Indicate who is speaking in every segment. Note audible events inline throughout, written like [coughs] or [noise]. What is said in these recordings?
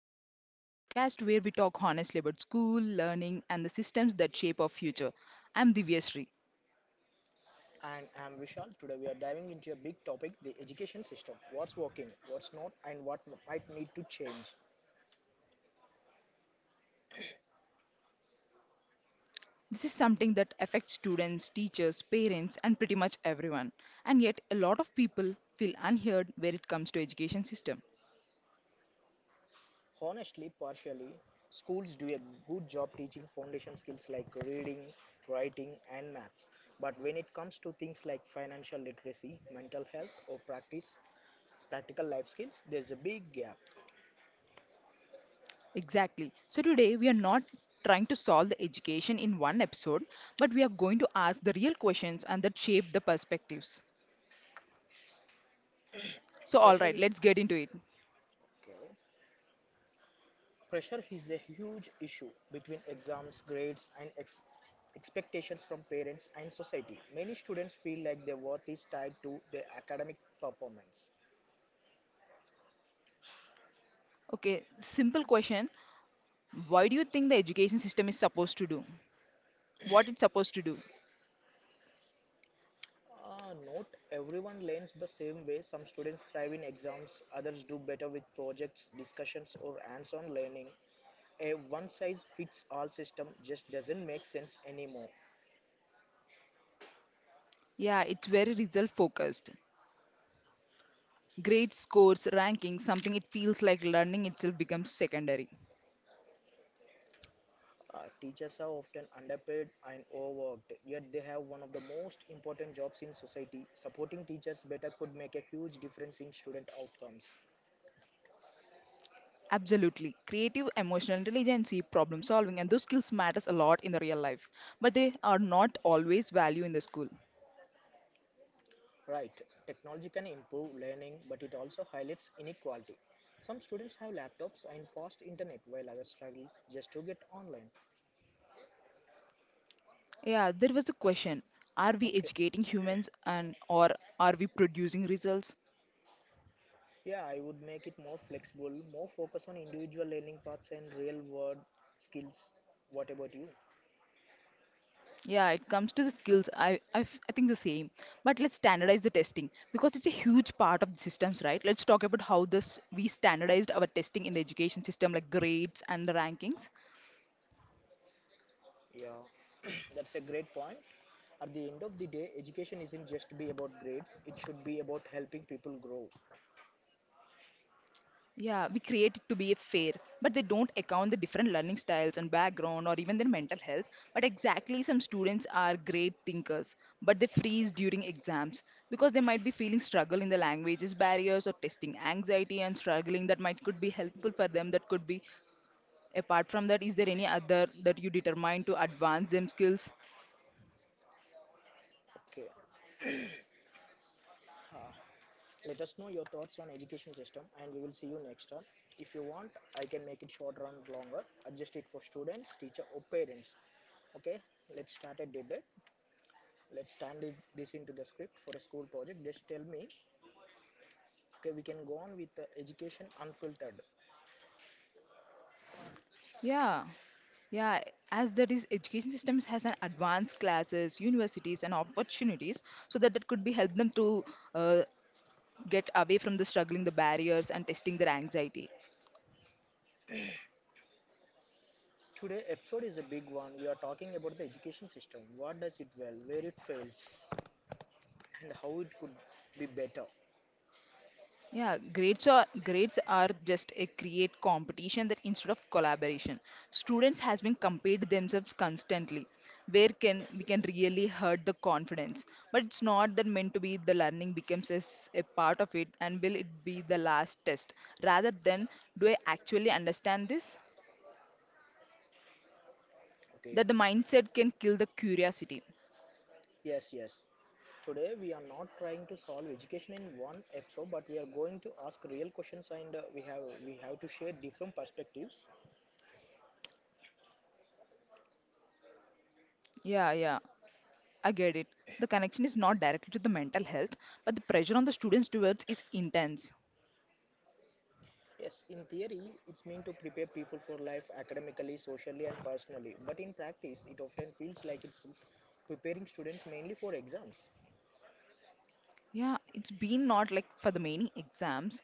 Speaker 1: Unfiltered, the podcast where we talk honestly about school, learning, and the systems that shape our future. I'm Divyashree.
Speaker 2: And I'm Vishal. Today we are diving into a big topic the education system. What's working, what's not, and what might need to change.
Speaker 1: This is something that affects students, teachers, parents, and pretty much everyone. And yet, a lot of people feel unheard where it comes to education system.
Speaker 2: Honestly, partially, schools do a good job teaching foundation skills like reading, writing, and maths. But when it comes to things like financial literacy, mental health, or practical life skills, there's a big gap.
Speaker 1: Exactly. So today we are not trying to solve the education in one episode, but we are going to ask the real questions and that shape the perspectives. So all
Speaker 2: Pressure
Speaker 1: right,
Speaker 2: is
Speaker 1: let's get into it.
Speaker 2: okay. Pressure is a huge issue between exams, grades, and expectations from parents and society. Many students feel like their worth is tied to their academic performance.
Speaker 1: Okay, simple question. Why do you think the education system is supposed to do? What it's supposed to do?
Speaker 2: Note everyone learns the same way. Some students thrive in exams, others do better with projects, discussions, or hands on learning. A one size fits all system just doesn't make sense anymore.
Speaker 1: Yeah, it's very result focused. Grade scores, rankings, something it feels like learning itself becomes secondary.
Speaker 2: Teachers are often underpaid and overworked, yet they have one of the most important jobs in society. Supporting teachers better could make a huge difference in student outcomes.
Speaker 1: Absolutely. Creative, emotional intelligence, problem solving, and those skills matters a lot in the real life. But they are not always value in the school.
Speaker 2: Right, technology can improve learning, but it also highlights inequality. Some students have laptops and fast internet, while others struggle just to get online.
Speaker 1: Yeah, there was a question. Are we
Speaker 2: Okay,
Speaker 1: educating humans and or are we producing results?
Speaker 2: yeah, I would make it more flexible, more focus on individual learning paths and real world skills. What about you?
Speaker 1: Yeah, it comes to the skills. I think the same. But let's standardize the testing because it's a huge part of the systems, right? Let's talk about how this we standardized our testing in the education system, like grades and the rankings.
Speaker 2: Yeah, [clears throat] that's a great point. At the end of the day, education isn't just be about grades, it should be about helping people grow.
Speaker 1: Yeah, we create it to be fair, but they don't account the different learning styles and background or even their mental health. But exactly, some students are great thinkers, but they freeze during exams because they might be feeling struggle in the languages barriers or testing anxiety and struggling that might could be helpful for them. That could be. Apart from that, is there any other that you determine to advance them skills?
Speaker 2: Okay, uh, let us know your thoughts on education system, and we will see you next time. If you want, I can make it shorter and longer, adjust it for students, teacher or parents. Okay, let's start a debate. Let's turn this into the script for a school project, just tell me. Okay, we can go on with the Education Unfiltered.
Speaker 1: Yeah. Yeah, as that is education systems has an advanced classes, universities and opportunities so that that could be help them to uh, get away from the struggling, the barriers and testing their anxiety.
Speaker 2: Today episode is a big one. We are talking about the education system, what does it well, where it fails, and how it could be better.
Speaker 1: Yeah, grades are just a create competition that instead of collaboration. Students has been compared themselves constantly, where can we can really hurt the confidence. But it's not that meant to be the learning becomes as a part of it and will it be the last test. Rather than do I actually understand this?
Speaker 2: Okay,
Speaker 1: That the mindset can kill the curiosity.
Speaker 2: yes, yes. Today we are not trying to solve education in one episode, but we are going to ask real questions and we have to share different perspectives.
Speaker 1: Yeah, yeah, I get it. The connection is not directly to the mental health, but the pressure on the students towards is intense.
Speaker 2: Yes, in theory, it's meant to prepare people for life academically, socially, and personally. But in practice, it often feels like it's preparing students mainly for exams.
Speaker 1: Yeah, it's been not like for the many exams,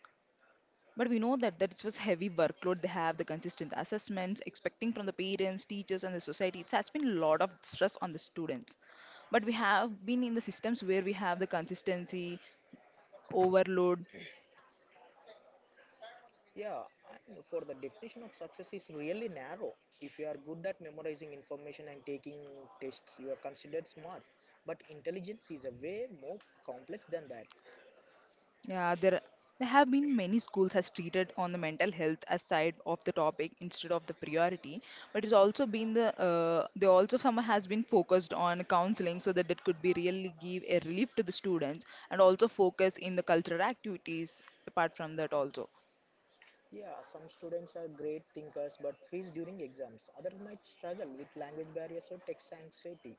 Speaker 1: but we know that it was heavy workload they have, the consistent assessments, expecting from the parents, teachers, and the society. It has been a lot of stress on the students. But we have been in the systems where we have the consistency, overload.
Speaker 2: Yeah, and for the definition of success is really narrow. If you are good at memorizing information and taking tests, you are considered smart. But intelligence is a way more complex than that.
Speaker 1: Yeah, there have been many schools has treated on the mental health as side of the topic instead of the priority, but it's also been they also some has been focused on counseling so that it could be really give a relief to the students and also focus in the cultural activities apart from that also.
Speaker 2: Yeah, some students are great thinkers but freeze during exams. Others might struggle with language barriers or text anxiety.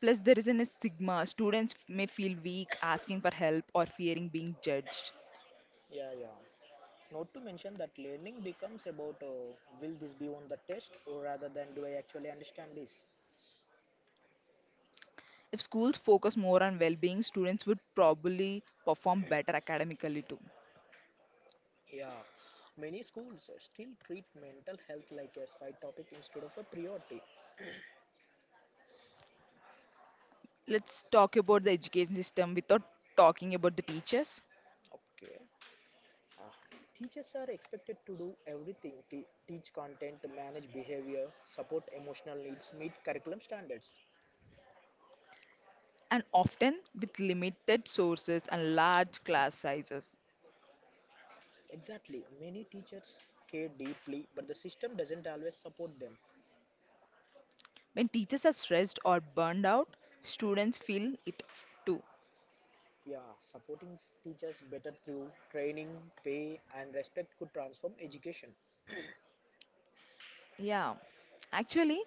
Speaker 1: Plus, there isn't a stigma. Students may feel weak asking for help or fearing being judged.
Speaker 2: Yeah, yeah. Not to mention that learning becomes about, will this be on the test, or rather than, do I actually understand this?
Speaker 1: If schools focus more on well-being, students would probably perform better academically too.
Speaker 2: Yeah. Many schools still treat mental health like a side topic instead of a priority.
Speaker 1: Let's talk about the education system without talking about the teachers
Speaker 2: Okay. Ah, Teachers are expected to do everything, teach content, manage behavior, support emotional needs, meet curriculum standards.
Speaker 1: and often with limited sources and large class sizes.
Speaker 2: Exactly. Many teachers care deeply, but the system doesn't always support them.
Speaker 1: When teachers are stressed or burned out, students feel it too.
Speaker 2: Yeah, supporting teachers better through training, pay, and respect could transform education.
Speaker 1: Yeah, actually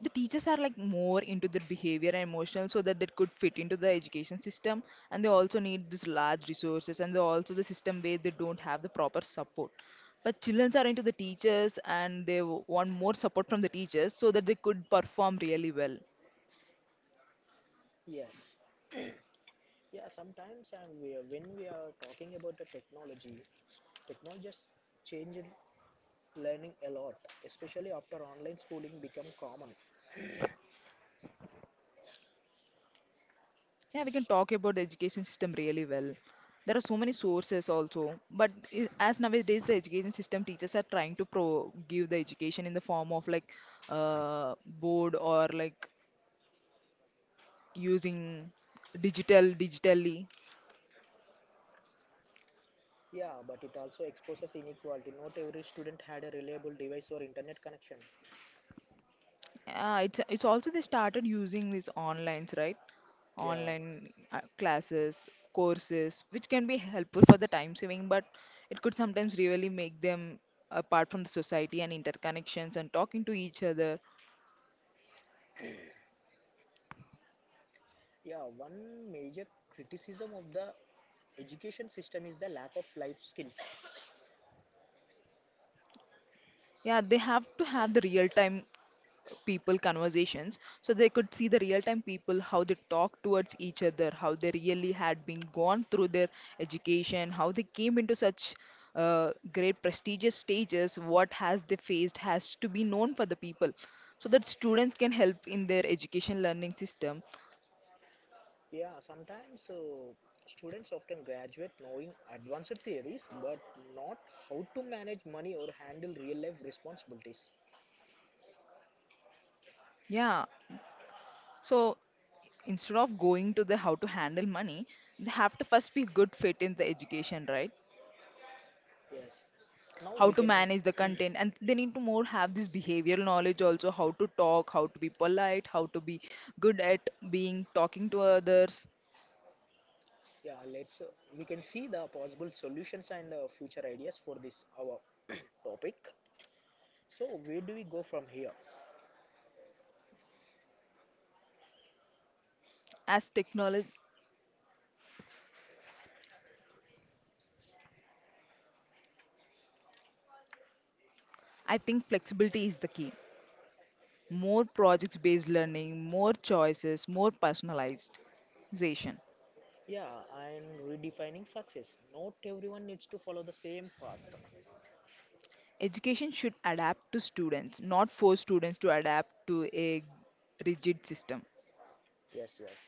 Speaker 1: the teachers are like more into their behavior and emotional so that they could fit into the education system, and they also need this large resources and they also the system where they don't have the proper support, but children are into the teachers and they want more support from the teachers so that they could perform really well.
Speaker 2: Yes. Yeah, sometimes, and we, when we are talking about the technology, technology has changed learning a lot, especially after online schooling become common.
Speaker 1: Yeah, we can talk about the education system really well. There are so many sources also, but as nowadays the education system teachers are trying to pro give the education in the form of like board or like using digitally.
Speaker 2: Yeah, but it also exposes inequality. Not every student had a reliable device or internet connection.
Speaker 1: It's it's also they started using these onlines, right?
Speaker 2: Yeah,
Speaker 1: Online classes, courses which can be helpful for the time saving, but it could sometimes really make them apart from the society and interconnections and talking to each other.
Speaker 2: yeah. One major criticism of the education system is the lack of life skills.
Speaker 1: Yeah, they have to have the real time people conversations so they could see the real time people how they talk towards each other, how they really had been gone through their education, how they came into such great prestigious stages, what has they faced has to be known for the people so that students can help in their education learning system.
Speaker 2: Yeah, sometimes, students often graduate knowing advanced theories, but not how to manage money or handle real life responsibilities.
Speaker 1: Yeah, so instead of going to the how to handle money, they have to first be good fit in the education, right?
Speaker 2: Yes, now
Speaker 1: How
Speaker 2: we
Speaker 1: to
Speaker 2: can.
Speaker 1: manage the content,
Speaker 2: [clears throat]
Speaker 1: and they need to more have this behavioral knowledge also, how to talk, how to be polite, how to be good at being talking to others.
Speaker 2: Yeah, let's, we can see the possible solutions and future ideas for this our [clears throat] topic. So where do we go from here?
Speaker 1: As technology, I think flexibility is the key. More projects based learning, more choices, more personalized education.
Speaker 2: Yeah, and redefining success, not everyone needs to follow the same path.
Speaker 1: Education should adapt to students, not force students to adapt to a rigid system.
Speaker 2: Yes, yes.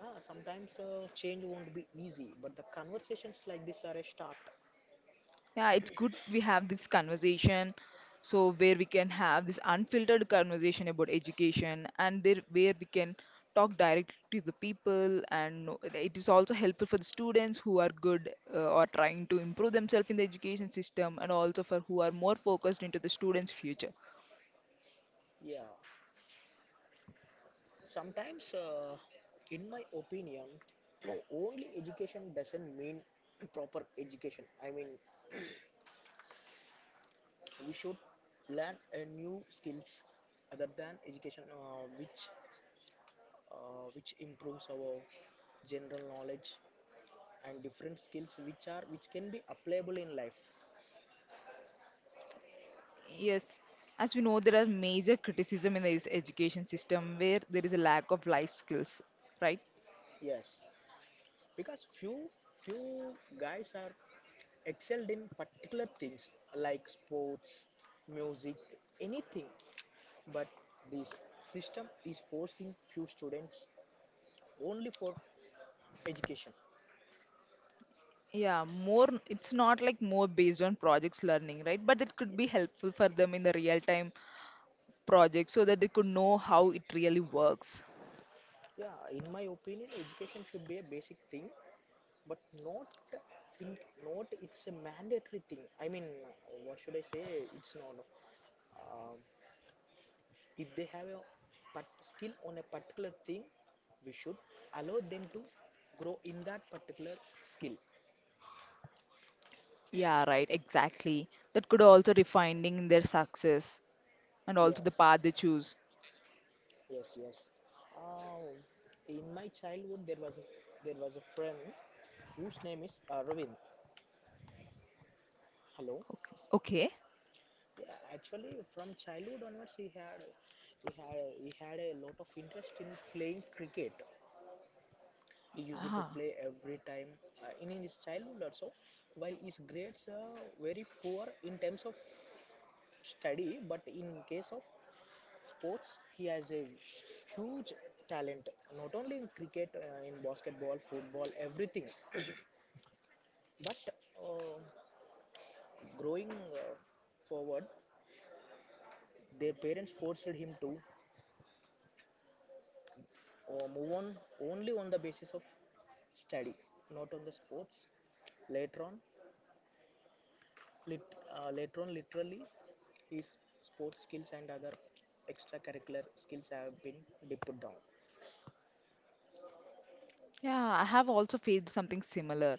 Speaker 2: Sometimes change won't be easy, but the conversations like this are a start.
Speaker 1: Yeah, it's good we have this conversation. So where we can have this unfiltered conversation about education and there where we can talk directly to the people and know, it is also helpful for the students who are good or trying to improve themselves in the education system and also for who are more focused into the students' future.
Speaker 2: Yeah. Sometimes, in my opinion, [clears throat] only education doesn't mean [clears throat] proper education. I mean, we should learn a new skills other than education, which improves our general knowledge and different skills which can be applicable in life.
Speaker 1: Yes, as we know, there are major criticism in this education system where there is a lack of life skills, right?
Speaker 2: Yes, because few guys are excelled in particular things like sports, music, anything. But this system is forcing few students only for education.
Speaker 1: Yeah, more, it's not like more based on projects learning, right? But it could be helpful for them in the real time project so that they could know how it really works.
Speaker 2: Yeah, in my opinion, education should be a basic thing, but not, in not it's a mandatory thing. I mean, what should I say? It's not. Um, if they have a part, skill on a particular thing, we should allow them to grow in that particular skill.
Speaker 1: Yeah, right, exactly. That could also defining their success and also the
Speaker 2: Yes.
Speaker 1: path they choose.
Speaker 2: Yes, yes. Um, in my childhood, there was a, friend whose name is Ravind. Hello.
Speaker 1: Okay. Okay.
Speaker 2: Yeah, actually, from childhood onwards, he had he had a lot of interest in playing cricket. He used to
Speaker 1: Ah.
Speaker 2: play every time, in his childhood also. While his grades are very poor in terms of study, but in case of sports, he has a huge talent. Not only in cricket, in basketball, football, everything. But uh, growing forward, their parents forced him to, move on only on the basis of study, not on the sports. Later on, literally, his sports skills and other extracurricular skills have been dipped down.
Speaker 1: Yeah, I have also faced something similar.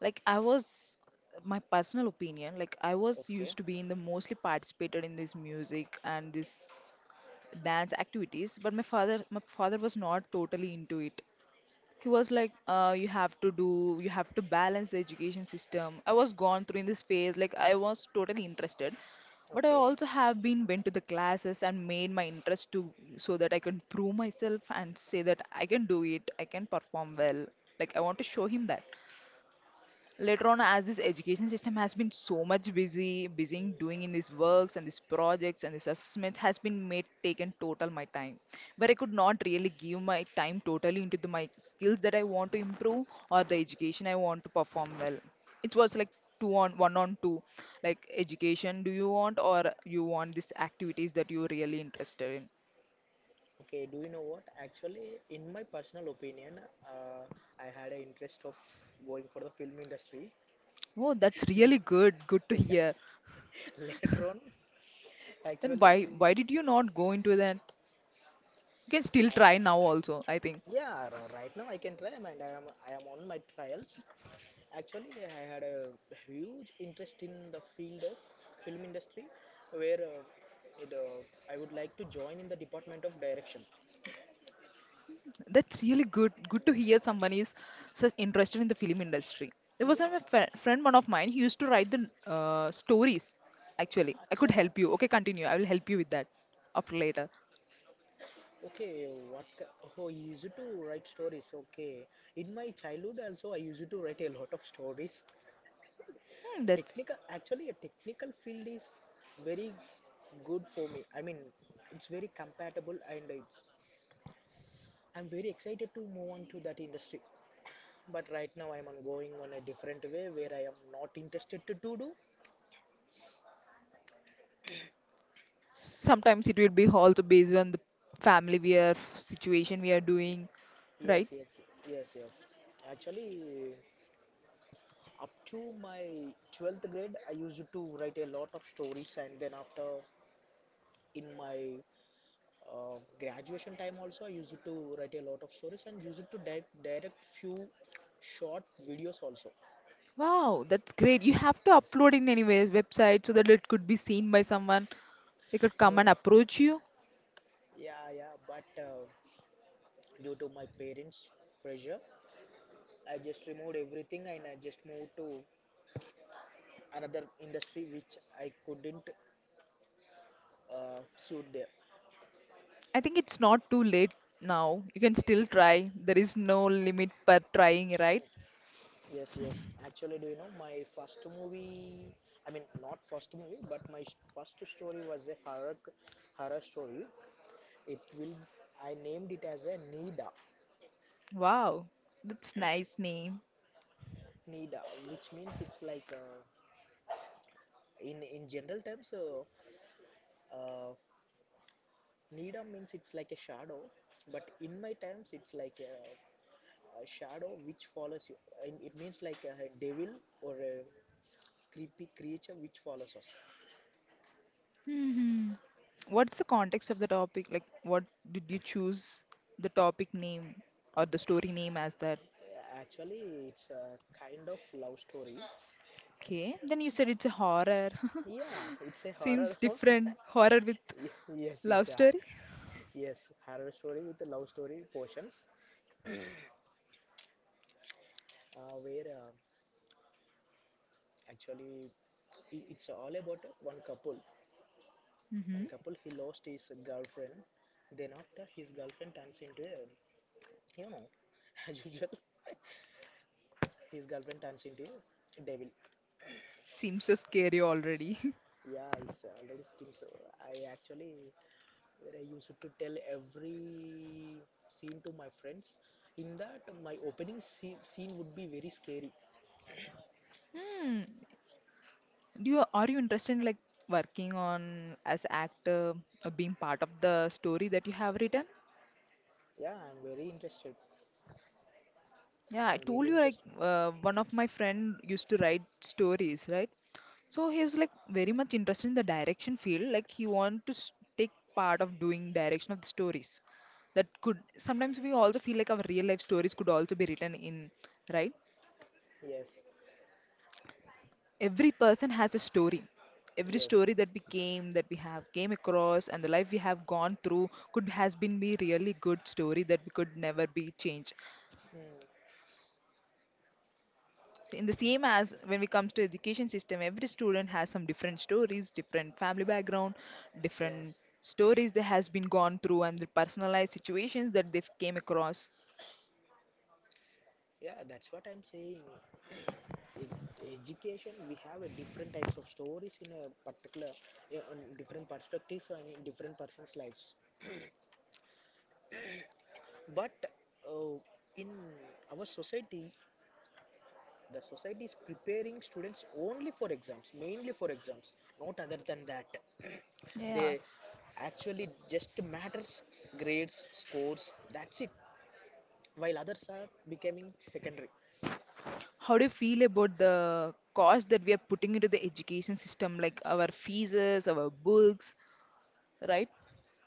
Speaker 1: Like I was, my personal opinion, like I was
Speaker 2: Okay,
Speaker 1: used to be in the mostly participated in this music and this dance activities, but my father was not totally into it. He was like you have to do, you have to balance the education system. I was gone through in this phase like I was totally interested, but I
Speaker 2: okay,
Speaker 1: also have been went to the classes and made my interest to, so that I can prove myself and say that I can do it, I can perform well, like I want to show him that. Later on, as this education system has been so much busy in doing in these works and these projects and these assessments has been made taken total my time, where I could not really give my time totally into the my skills that I want to improve or the education I want to perform well. It was like two on one on two, like education do you want or you want these activities that you're really interested in.
Speaker 2: okay. Do you know what? Actually, in my personal opinion, uh, I had an interest of going for the film industry. [laughs]
Speaker 1: Oh, that's really good, good to
Speaker 2: Yeah.
Speaker 1: hear.
Speaker 2: Later on,
Speaker 1: Then
Speaker 2: actually
Speaker 1: why did you not go into that? You can still
Speaker 2: I,
Speaker 1: try now also, I think.
Speaker 2: right now I can try, and am I am on my trials. Actually, I had a huge interest in the field of film industry, where, I would like to join in the department of direction.
Speaker 1: That's really good. Good to hear someone is such interested in the film industry. There was
Speaker 2: Yeah,
Speaker 1: a friend one of mine. He used to write the stories. Actually, I could
Speaker 2: acha.
Speaker 1: help you. Okay, continue. I will help you with that after later.
Speaker 2: Okay, what? Oh, you used to write stories. Okay, in my childhood also I used to write a lot of stories.
Speaker 1: Hmm, that's,
Speaker 2: Technical, actually, a technical field is very good for me. I mean, it's very compatible and it's I'm very excited to move on to that industry. But right now I'm on going on a different way where I am not interested to do.
Speaker 1: sometimes it will be also based on the family we are situation we are doing, right?
Speaker 2: Yes, yes, yes, yes. Actually, up to my 12th grade, I used to write a lot of stories, and then after, in my graduation time also, I used to write a lot of stories and used to direct few short videos also.
Speaker 1: Wow, that's great. You have to upload in anyway website so that it could be seen by someone. They could come
Speaker 2: No,
Speaker 1: and approach you.
Speaker 2: [laughs] yeah, yeah, but due to my parents' pressure, I just removed everything and I just moved to another industry which I couldn't, suit there.
Speaker 1: I think it's not too late now. You can still try. There is no limit for trying, right?
Speaker 2: Yes, yes. Actually, do you know my first movie? I mean, not first movie, but my first story was a horror story. It will I named it as a Nida.
Speaker 1: Wow, that's nice name.
Speaker 2: Nida, which means it's like, in general terms, uh, Nida means it's like a shadow, but in my terms, it's like a shadow which follows you, and it means like a devil or a creepy creature which follows us.
Speaker 1: Hmm. What's the context of the topic? Like, what did you choose the topic name or the story name as that?
Speaker 2: Actually, it's a kind of love story.
Speaker 1: Okay, then you said it's a horror.
Speaker 2: Yeah,
Speaker 1: [laughs]
Speaker 2: it's a horror.
Speaker 1: Seems different. Horror with
Speaker 2: [laughs] Yes, yes,
Speaker 1: love
Speaker 2: yeah,
Speaker 1: story.
Speaker 2: yes, horror story with the love story portions, where, actually it's all about one couple.
Speaker 1: Hmm.
Speaker 2: He lost his girlfriend, then after his girlfriend turns into a, you know [laughs] as usual, his girlfriend turns into a devil.
Speaker 1: Seems so scary already. [laughs]
Speaker 2: Yeah, it's already skim. So I actually, where I used to tell every scene to my friends. In that, my opening scene would be very scary.
Speaker 1: Do you Are you interested in like working on as actor or being part of the story that you have written?
Speaker 2: Yeah, I'm very interested.
Speaker 1: Yeah, I
Speaker 2: I'm
Speaker 1: told
Speaker 2: very
Speaker 1: you like
Speaker 2: interested.
Speaker 1: one of my friend used to write stories, right? So he was like very much interested in the direction field. Like he want to take part of doing direction of the stories. That could sometimes we also feel like our real life stories could also be written in, right?
Speaker 2: Yes,
Speaker 1: Every person has a story, every
Speaker 2: yes,
Speaker 1: story that we came that we have came across and the life we have gone through could has been be really good story that we could never be changed.
Speaker 2: hmm,
Speaker 1: In the same as when it comes to education system, every student has some different stories, different family background, different
Speaker 2: yes.
Speaker 1: stories that has been gone through and the personalized situations that they've came across.
Speaker 2: Yeah, that's what I'm saying. In education, we have a different types of stories in a particular, yeah, on different perspectives and in different persons' lives. But uh, in our society, the society is preparing students only for exams, mainly for exams, not other than that. [clears throat]
Speaker 1: Yeah.
Speaker 2: They actually just matters grades, scores, that's it. While others are becoming secondary.
Speaker 1: How do you feel about the cost that we are putting into the education system, like our fees, our books, right?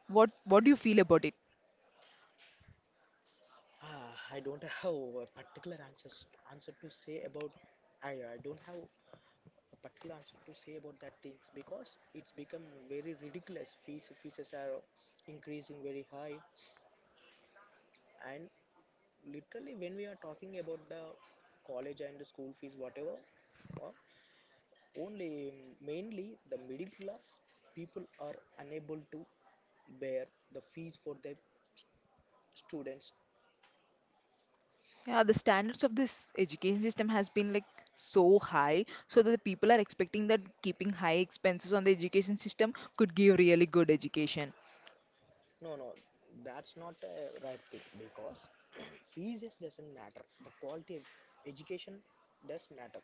Speaker 1: What do you feel about it?
Speaker 2: I don't have a particular answer to say about. I don't have a particular answer to say about that things because it's become very ridiculous. Fees are increasing very high, and literally when we are talking about the college and the school fees, whatever, uh, only mainly the middle class people are unable to bear the fees for their students.
Speaker 1: Yeah, the standards of this education system has been like so high, so that the people are expecting that keeping high expenses on the education system could give really good education.
Speaker 2: No, no, that's not a right thing because [clears throat] [coughs] fees just doesn't matter, the quality of education does matter.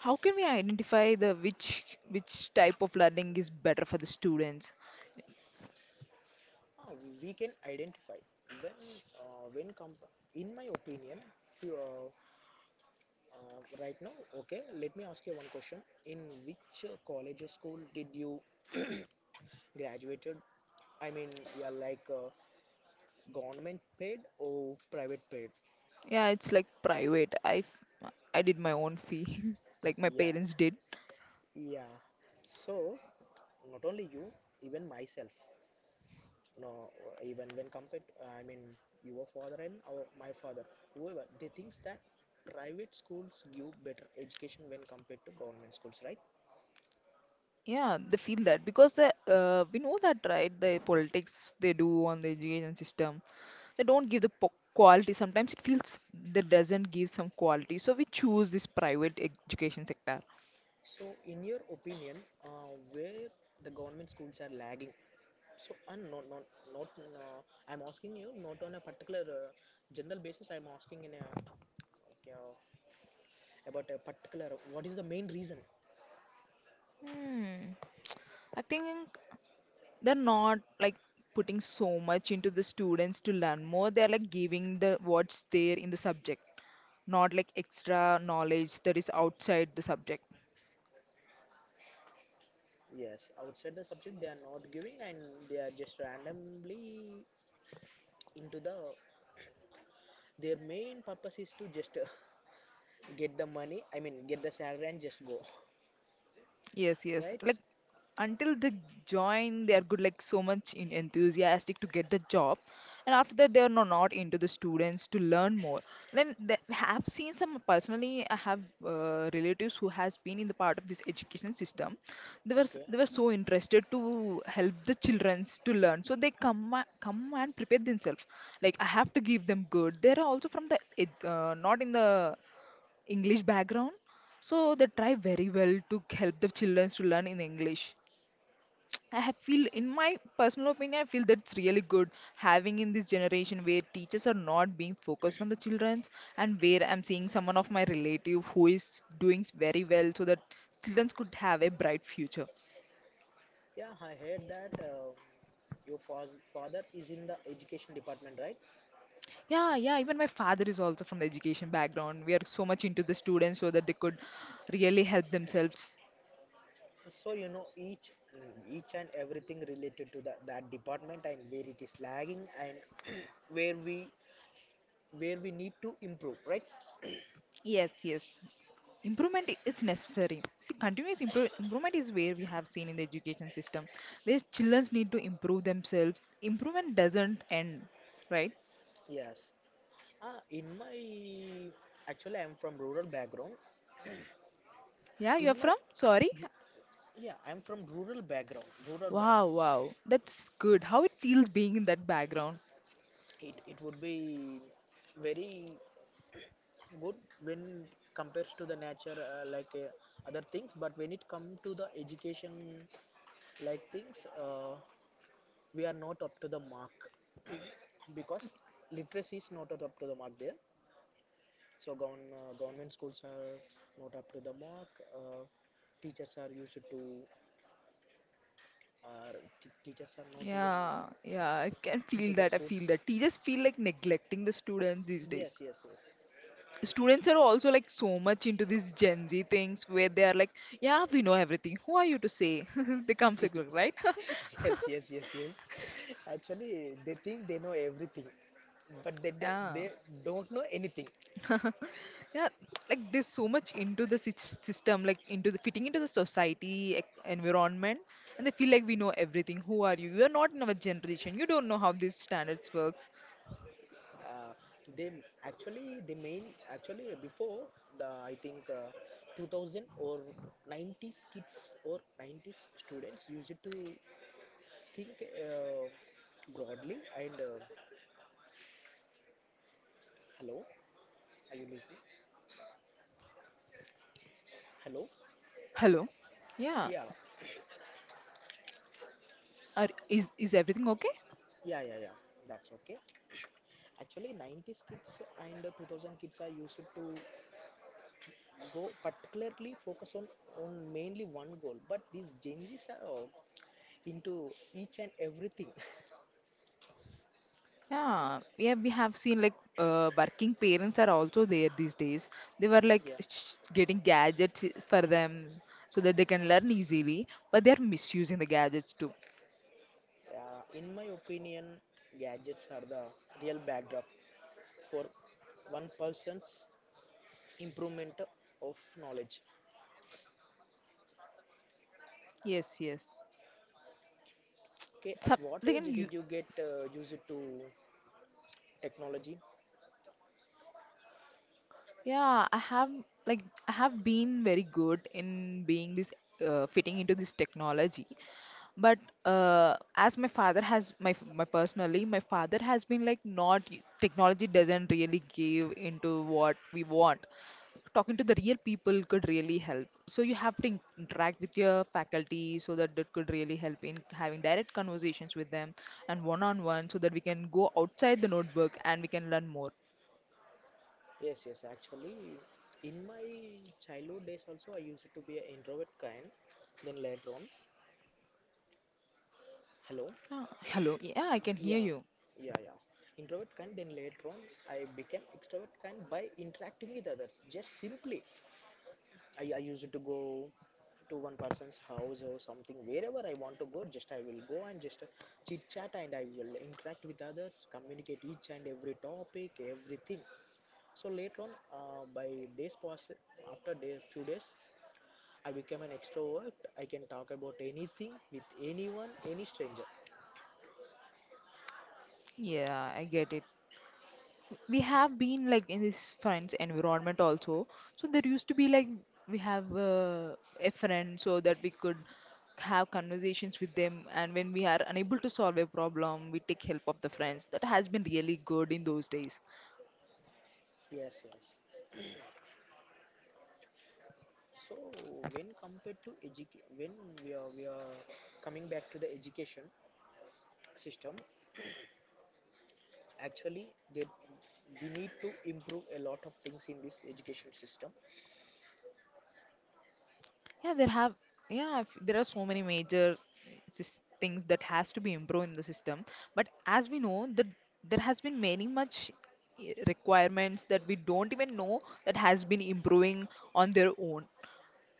Speaker 1: How can we identify the which type of learning is better for the students?
Speaker 2: Ah, we can identify when, uh, when comp- in my opinion, few, right now, okay. Let me ask you one question. In which college or school did you [clears throat] graduated? I mean, yeah, like, government paid or private paid?
Speaker 1: Yeah, it's like private. I did my own fee, [laughs] like my
Speaker 2: Yeah,
Speaker 1: parents did.
Speaker 2: yeah. So not only you, even myself. No, even when compared, I mean, your father and our my father, whoever, they thinks that private schools give better education when compared to government schools, right?
Speaker 1: Yeah, they feel that because the we know that, right, the politics they do on the education system, they don't give the quality, sometimes it feels that doesn't give some quality, so we choose this private education sector.
Speaker 2: So, in your opinion, where the government schools are lagging? So, and not. I'm asking you not on a particular general basis. I'm asking in a like, uh, about a particular. What is the main reason?
Speaker 1: Hmm. I think they're not like putting so much into the students to learn more, they're like giving the what's there in the subject, not like extra knowledge that is outside the subject.
Speaker 2: Yes, outside the subject they are not giving, and they are just randomly into the. Their main purpose is to just [laughs] get the money. I mean, get the salary and just go,
Speaker 1: Yes,
Speaker 2: [laughs]
Speaker 1: yes.
Speaker 2: right?
Speaker 1: Like until they join, they are good, like so much in enthusiastic to get the job, and after that, they are no, not into the students to learn more. Then they have seen some personally. I have relatives who has been in the part of this education system.
Speaker 2: Okay.
Speaker 1: They were so interested to help the childrens to learn, so they come and prepare themselves. Like I have to give them good. They are also from the not in the English background, so they try very well to help the children to learn in English. [tsk] I have feel, in my personal opinion, I feel that's really good having in this generation where teachers are not being focused on the childrens, and where
Speaker 2: Okay.
Speaker 1: I'm seeing someone of my relative who is doing very well so that children could have a bright future.
Speaker 2: Yeah, I heard that your father is in the education department, right?
Speaker 1: Yeah, yeah, even my father is also from the education background. We are so much into the students so that they could really help themselves.
Speaker 2: So you know each and everything related to the, that department and where it is lagging and [clears throat] where we where we need to improve, right?
Speaker 1: Yes, yes. Improvement is necessary. See, continuous improvement is where we have seen in the education system, where children need to improve themselves. Improvement doesn't end, right?
Speaker 2: Yes. Ah, in my Actually, I'm from rural background.
Speaker 1: Yeah, you're
Speaker 2: In my
Speaker 1: from, sorry.
Speaker 2: Yeah, I'm from rural background. Rural
Speaker 1: Wow,
Speaker 2: background.
Speaker 1: wow, that's good. How it feels being in that background?
Speaker 2: It would be very good when compares to the nature other things, but when it comes to the education like things, we are not up to the mark because literacy is not up to the mark there. So government schools are not up to the mark. uh, Teachers are used to uh, teachers are not even
Speaker 1: Yeah, yeah, I can
Speaker 2: into
Speaker 1: feel
Speaker 2: the
Speaker 1: that. I feel
Speaker 2: schools.
Speaker 1: that teachers feel like neglecting the students these days.
Speaker 2: Yes, yes,
Speaker 1: Students are also like so much into these Gen Z things, where they are like, yeah, we know everything, who are you to say, [laughs] they come
Speaker 2: yes.
Speaker 1: like, right?
Speaker 2: [laughs] Yes, yes, yes, yes, actually they think they know everything, but they,
Speaker 1: [laughs]
Speaker 2: they,
Speaker 1: Yeah.
Speaker 2: they don't know anything.
Speaker 1: Yeah, like there's so much into the system, like into the fitting into the society environment, and they feel like we know everything. Who are you? You're not in our generation. You don't know how these standards works.
Speaker 2: Uh, they actually the main actually before the I think 2000 or 90s kids or 90s students used to think broadly, and hello, are you listening? Hello?
Speaker 1: Hello. Yeah,
Speaker 2: Yeah,
Speaker 1: are is everything okay?
Speaker 2: yeah, yeah. Yeah, that's okay. Actually, 90s kids and 2000 kids are used to go particularly focus on mainly one goal, but these Gen Z's are into each and everything.
Speaker 1: Yeah, yeah, we have seen like working parents are also there these days. They were like
Speaker 2: [laughs] Yeah.
Speaker 1: sh getting gadgets for them so that they can learn easily, but they are misusing the gadgets too.
Speaker 2: In my opinion, gadgets are the real backdrop for one person's improvement of knowledge.
Speaker 1: Yes, yes.
Speaker 2: Okay, at
Speaker 1: Sub
Speaker 2: what
Speaker 1: they
Speaker 2: age
Speaker 1: can u.
Speaker 2: did you get used to technology?
Speaker 1: Yeah, I have, like I have been very good in being this, fitting into this technology, but as my father has, my my personally, my father has been like not technology doesn't really give into what we want. Talking to the real people could really help. So you have to interact with your faculty, so that that could really help in having direct conversations with them, and one on one, so that we can go outside the notebook and we can learn more.
Speaker 2: Yes, yes, actually, in my childhood days also, I used to be an introvert kind. Then later on, hello,
Speaker 1: Ah, hello. Yeah, I can hear
Speaker 2: yeah,
Speaker 1: you.
Speaker 2: yeah, yeah, introvert kind. Then later on, I became extrovert kind by interacting with others. Just simply I used to go to one person's house or something. Wherever I want to go, just I will go and just chit chat, and I will interact with others, communicate each and every topic, everything. So later on, by days pass, after day few days, I became an extrovert. I can talk about anything with anyone, any stranger.
Speaker 1: Yeah, I get it. We have been like in this friends environment also. So there used to be like we have a friend so that we could have conversations with them. And when we are unable to solve a problem, we take help of the friends. That has been really good in those days.
Speaker 2: Yes, yes. So when compared to education, when we are coming back to the education system, actually there we need to improve a lot of things in this education system.
Speaker 1: Yeah, there have, yeah, there are so many major things that has to be improved in the system. But as we know, that there has been many much requirements that we don't even know that has been improving on their own.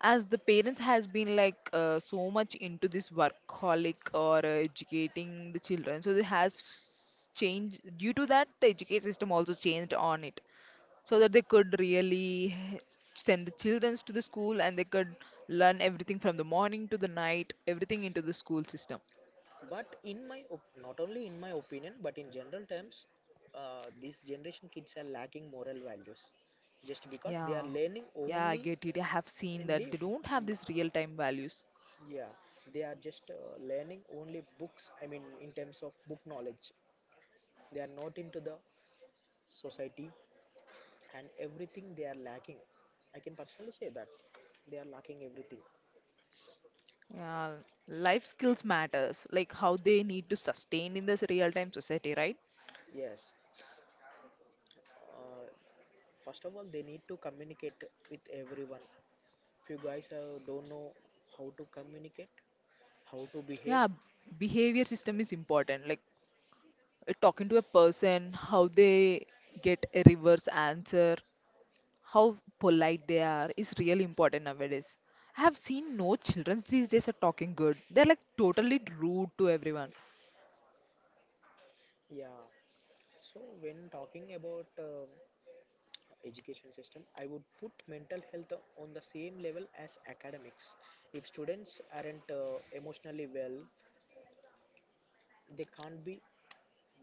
Speaker 1: As the parents has been like so much into this workaholic or educating the children, so it has changed. Due to that, the education system also changed on it, so that they could really send the children to the school and they could learn everything from the morning to the night, everything into the school system.
Speaker 2: But in my op- Not only in my opinion, but in general terms, this generation kids are lacking moral values, just because they are
Speaker 1: Yeah,
Speaker 2: learning
Speaker 1: yeah, I
Speaker 2: only
Speaker 1: get it. I have seen that
Speaker 2: only
Speaker 1: they don't have these real time values.
Speaker 2: yeah, they are just learning only books. I mean, in terms of book knowledge, they are not into the society, and everything they are lacking. I can personally say that they are lacking everything.
Speaker 1: Yeah, life skills matters, like how they need to sustain in this real time society, right?
Speaker 2: Yes. uh, First of all, they need to communicate with everyone. If you guys don't know how to communicate, how to behave,
Speaker 1: Yeah, behavior system is important. Like talking to a person, how they get a reverse answer, how polite they are is really important nowadays. I have seen no, children these days are talking good. They're like totally rude to everyone.
Speaker 2: yeah. So when talking about education system, I would put mental health on the same level as academics. If students aren't emotionally well, they can't be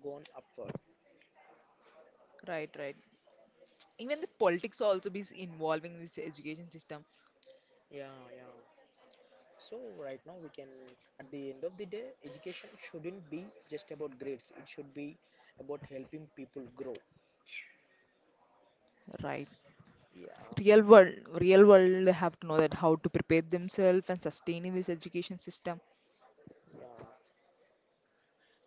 Speaker 2: gone upward.
Speaker 1: Right, right. Even the politics also be involving this education system.
Speaker 2: Yeah, yeah. So right now we can, at the end of the day, education shouldn't be just about grades. It should be about helping people grow.
Speaker 1: Right.
Speaker 2: Yeah.
Speaker 1: Real world, real world, they have to know that how to prepare themselves and sustain in this education system.
Speaker 2: Yeah,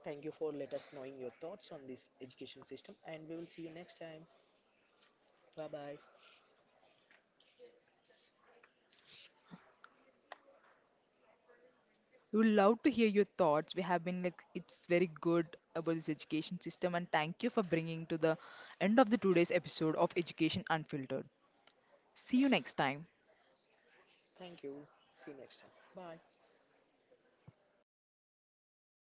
Speaker 2: thank you for let us knowing your thoughts on this education system, and we will see you next time. Bye bye.
Speaker 1: We would love to hear your thoughts. We have been like, it's very good about this education system, and thank you for bringing to the end of the today's episode of Education Unfiltered. See you next time.
Speaker 2: Thank you. See you next time. Bye.